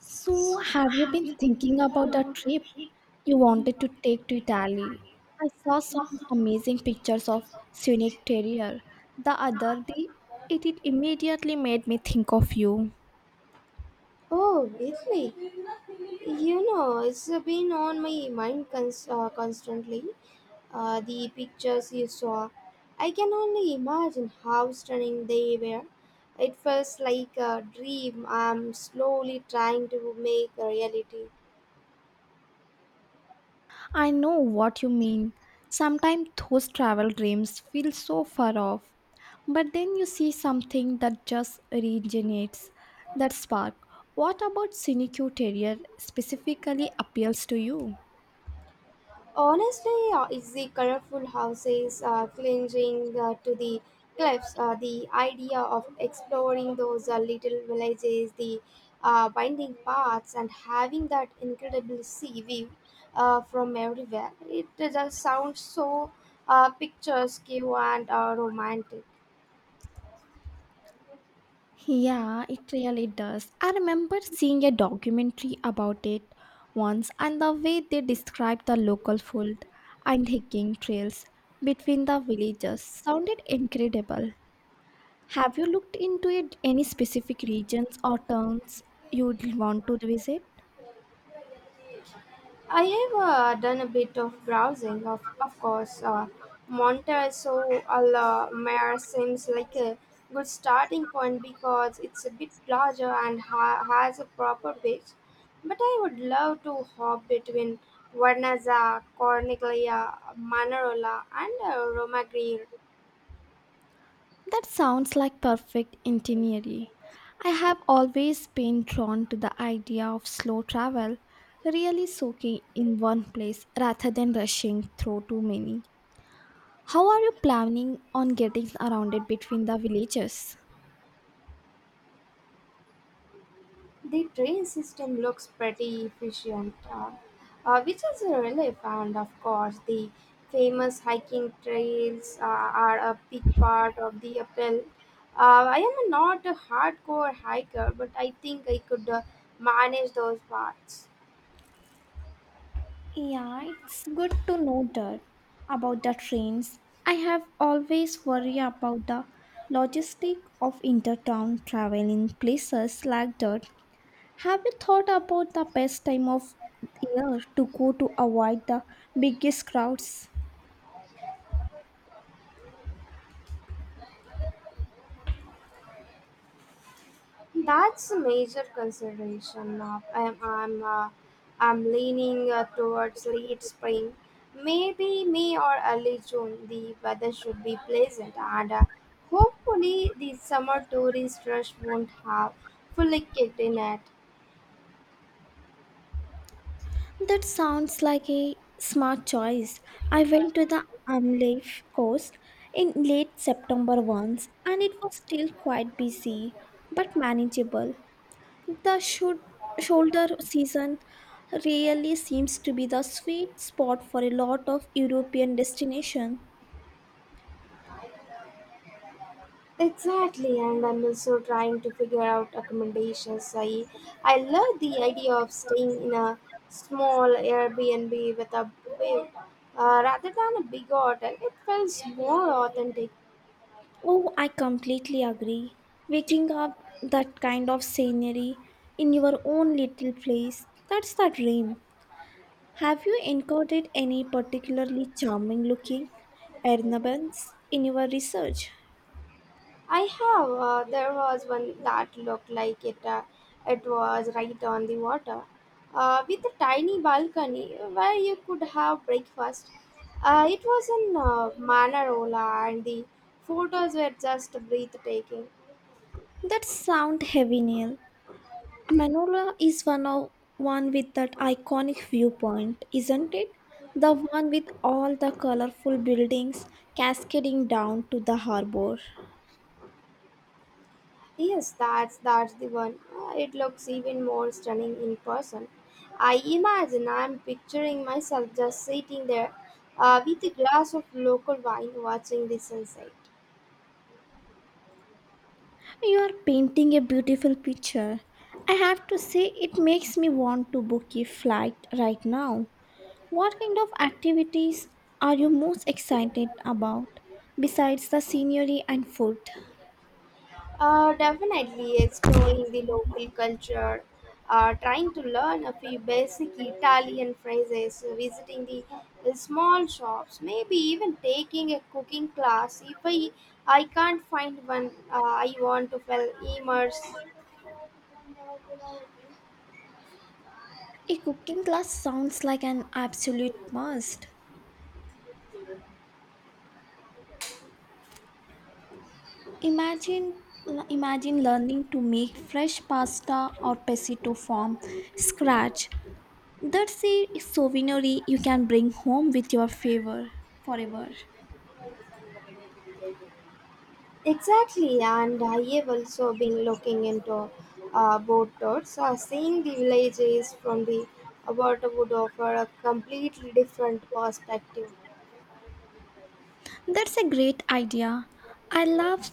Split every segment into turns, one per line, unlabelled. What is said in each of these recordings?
So, have you been thinking about the trip you wanted to take to Italy? I saw some amazing pictures of scenic terror the other day. It immediately made me think of you.
Oh, Italy. You know, it's been on my mind constantly. The pictures you saw, I can only imagine how stunning they were. It feels like a dream I'm slowly trying to make a reality.
I know what you mean. Sometimes those travel dreams feel so far off, but then you see something that just regenerates that spark. What about scenic terror specifically appeals to you?
Honestly, it's the colorful houses clinging to the cliffs. The idea of exploring those little villages, the winding paths, and having that incredible sea view from everywhere. It just sounds so picturesque and romantic.
Yeah, it really does. I remember seeing a documentary about it once and the way they described the local food and hiking trails between the villages sounded incredible. Have you looked into it any specific regions or towns you'd want to visit?
I have done a bit of browsing, of course. Montezo al Mare seems like a good starting point because it's a bit larger and has a proper beach. But I would love to hop between Vernazza, Corniglia, Manarola, and Romaggiore.
That sounds like perfect itinerary. I have always been drawn to the idea of slow travel, really soaking in one place rather than rushing through too many. How are you planning on getting around it between the villages?
The train system looks pretty efficient, which is a relief. And of course, the famous hiking trails are a big part of the appeal. I am not a hardcore hiker, but I think I could manage those parts.
Yeah, it's good to know that about the trains. I have always worry about the logistic of intertown travel in places like that. Have you thought about the best time of year to go to avoid the biggest crowds?
That's a major consideration. Of, I'm leaning towards late spring, maybe May or early June. The weather should be pleasant, and hopefully the summer tourist rush won't have fully kicked in yet.
That sounds like a smart choice. I went to the Amleth coast in late September once and it was still quite busy but manageable. The shoulder season really seems to be the sweet spot for a lot of European destinations.
Exactly, and I'm also trying to figure out accommodations. I love the idea of staying in a small Airbnb with a buffet rather than a big hotel. It feels more authentic.
Oh, I completely agree. Waking up that kind of scenery in your own little place, that's the dream. Have you encountered any particularly charming looking Ernabans in your research?
I have, there was one that looked like it was right on the water, with a tiny balcony where you could have breakfast. It was in Manarola, and the photos were just breathtaking.
That sound heavy, Neil. Manola is one of one with that iconic viewpoint, isn't it? The one with all the colorful buildings cascading down to the harbor.
Yes, that's the one. It looks even more stunning in person. I'm picturing myself just sitting there with a glass of local wine watching the sunset.
You are painting a beautiful picture. I have to say, it makes me want to book a flight right now. What kind of activities are you most excited about besides the scenery and food?
Definitely exploring the local culture, trying to learn a few basic Italian phrases, visiting the small shops, maybe even taking a cooking class if I can't find one. I want to feel immersed.
A cooking class sounds like an absolute must. Imagine Imagine learning to make fresh pasta or pesito from scratch. That's a souvenir you can bring home with your favor forever.
Exactly, and I have also been looking into boat tours. Seeing the villages from the water would offer a completely different perspective.
That's a great idea. I love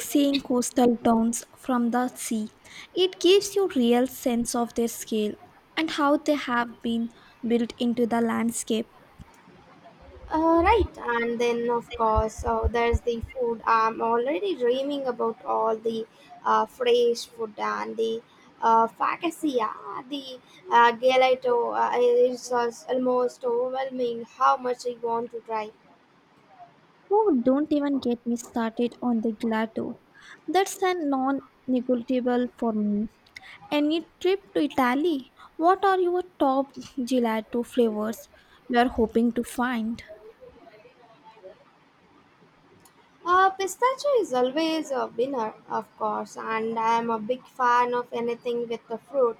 seeing coastal towns from the sea. It gives you real sense of their scale and how they have been built into the landscape.
Right, and then of course, there's the food. I'm already dreaming about all the fresh food and the focaccia, the gelato. It's just almost overwhelming how much I want to try.
Oh, don't even get me started on the gelato. That's a non negotiable for me. Any trip to Italy? What are your top gelato flavors you are hoping to find?
Pistachio is always a winner, of course, and I am a big fan of anything with the fruit,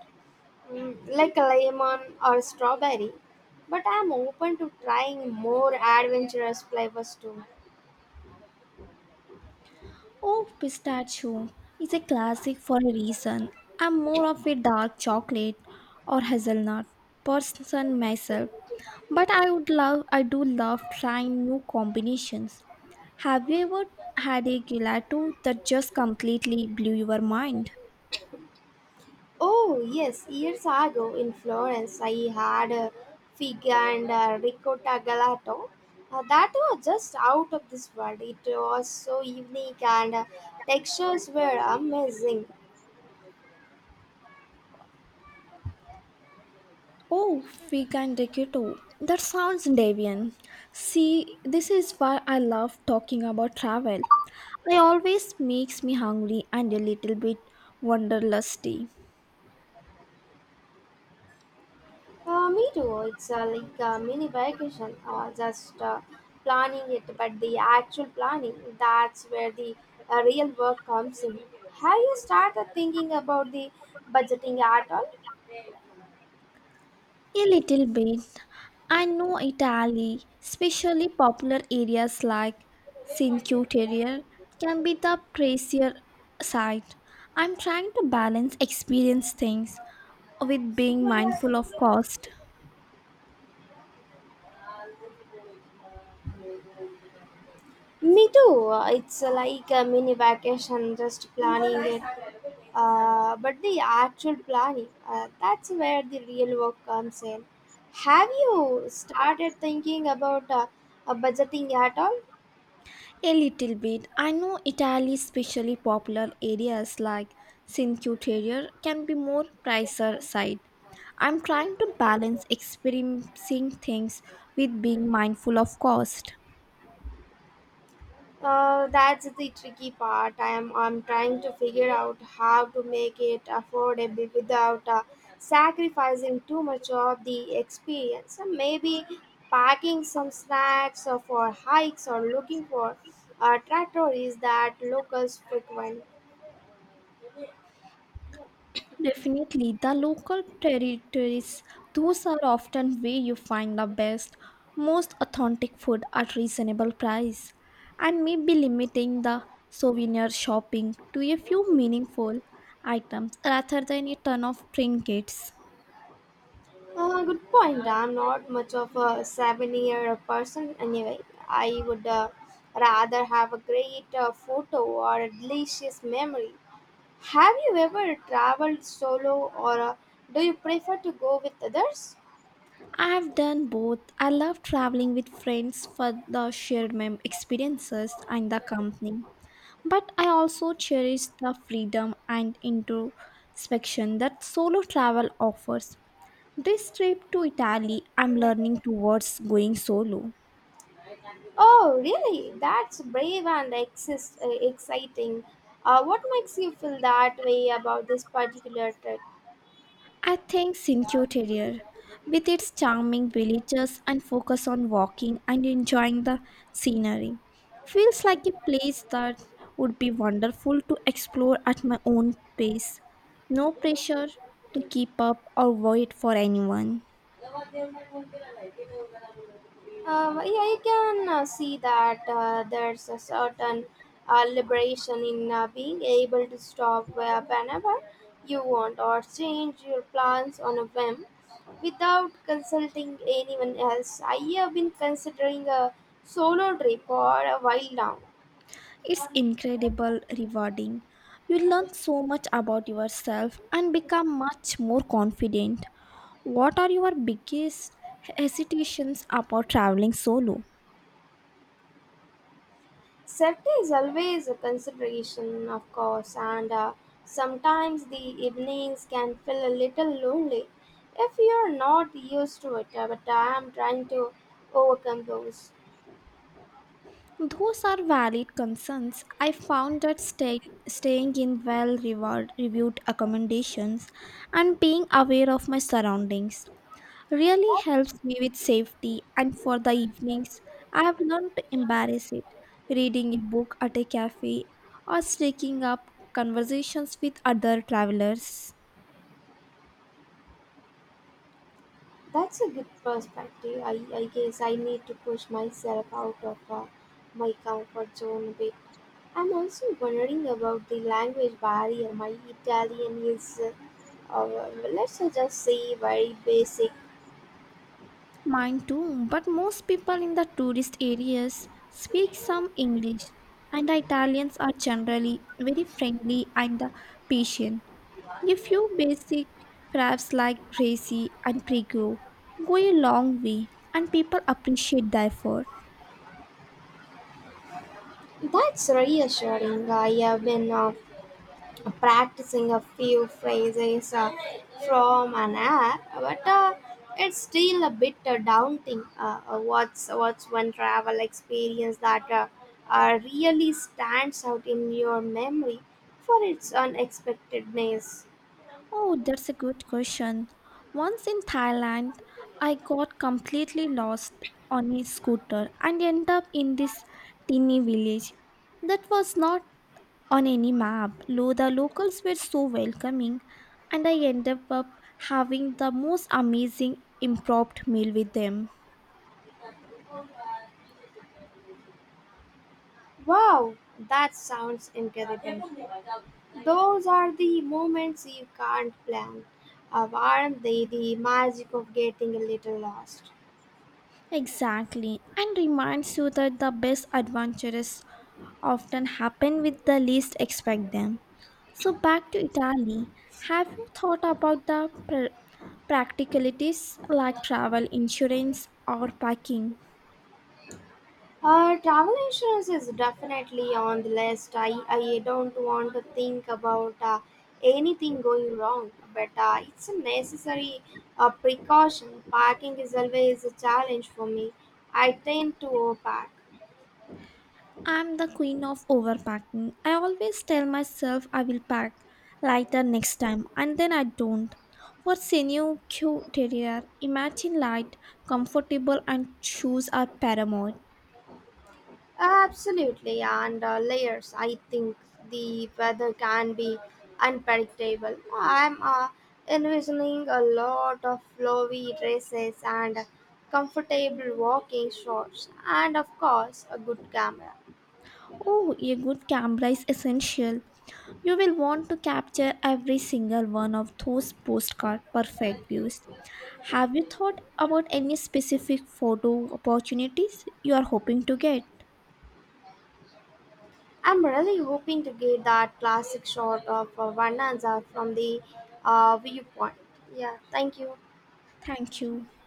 like a lemon or strawberry. But I am open to trying more adventurous flavors too.
Oh, pistachio is a classic for a reason. I'm more of a dark chocolate or hazelnut person myself, but I do love trying new combinations. Have you ever had a gelato that just completely blew your mind?
Oh, yes, years ago in Florence, I had a fig and a ricotta gelato. That was just out of this world. It was so unique, and textures were amazing.
Oh, vegan gelato. That sounds deviant. See, this is why I love talking about travel. It always makes me hungry and a little bit wanderlusty.
Me too. It's like a mini vacation, just planning it, but the actual planning, that's where the real work comes in. Have you started thinking about the budgeting at all?
A little bit. I know Italy, especially popular areas like Cinque Terre, can be the pricier side. I'm trying to balance experience things with being mindful of cost.
Me too. It's like a mini vacation, just planning it, but the actual planning, that's where the real work comes in. Have you started thinking about budgeting at all?
A little bit. I know Italy, especially popular areas like Cinque Terre, can be more pricier side. I'm trying to balance experiencing things with being mindful of cost.
That's the tricky part. I'm trying to figure out how to make it affordable without sacrificing too much of the experience. And maybe packing some snacks or for hikes or looking for trattories that locals frequent.
Definitely, the local territories, those are often where you find the best, most authentic food at reasonable price, and maybe limiting the souvenir shopping to a few meaningful items rather than a ton of trinkets.
Good point. I'm not much of a seven-year person anyway. I would rather have a great photo or a delicious memory. Have you ever traveled solo, or do you prefer to go with others?
I have done both. I love traveling with friends for the shared experiences and the company, but I also cherish the freedom and introspection that solo travel offers. This trip to Italy, I'm learning towards going solo.
Oh, really? That's brave and exciting. What makes you feel that way about this particular trip?
I think Cinque Terre, with its charming villages and focus on walking and enjoying the scenery, feels like a place that would be wonderful to explore at my own pace. No pressure to keep up or wait for anyone.
Yeah, you can see that there's a certain liberation in being able to stop whenever you want or change your plans on a whim without consulting anyone else. I have been considering a solo trip for a while now.
It's incredible rewarding. You learn so much about yourself and become much more confident. What are your biggest hesitations about traveling solo?
Safety is always a consideration, of course, and sometimes the evenings can feel a little lonely if you're not used to it. But I'm trying to overcome those.
Those are valid concerns. I found that staying in reviewed accommodations and being aware of my surroundings really
That,
helps me with safety. And for the evenings, I have learned to embrace it. Reading a book at a cafe or striking up conversations with other travelers.
that's a good perspective. I guess I need to push myself out of my comfort zone a bit. I'm also wondering about the language barrier. My Italian is, let's just say, very basic.
Mine too, but most people in the tourist areas speak some English, and the Italians are generally very friendly and patient. A few basic phrases like grazie and prego go a long way, and people appreciate the effort.
That's reassuring. I have been practicing a few phrases from an app, but it's still a bit daunting. What's one travel experience that really stands out in your memory for its unexpectedness?
Oh, that's a good question. Once in Thailand, I got completely lost on a scooter and ended up in this teeny village that was not on any map. Lo, the locals were so welcoming, and I ended up having the most amazing impromptu meal with them.
Wow, that sounds incredible. Those are the moments you can't plan. Aren't they the magic of getting a little lost?
Exactly, and reminds you that the best adventures often happen with the least expect them. So back to Italy. Have you thought about the practicalities like travel insurance or packing?
Travel insurance is definitely on the list. I don't want to think about anything going wrong, but it's a necessary precaution. Parking is always a challenge for me. I tend to overpack.
I'm the queen of overpacking. I always tell myself I will pack lighter next time, and then I don't. For Senu Q Terrier, imagine light, comfortable, and shoes are paramount.
Absolutely, and layers. I think the weather can be unpredictable. I'm envisioning a lot of flowy dresses and comfortable walking shorts, and of course, a good camera.
Oh, a good camera is essential. You will want to capture every single one of those postcard perfect views. Have you thought about any specific photo opportunities you are hoping to get?
I'm really hoping to get that classic shot of Vananza from the viewpoint. Yeah, thank you.
Thank you.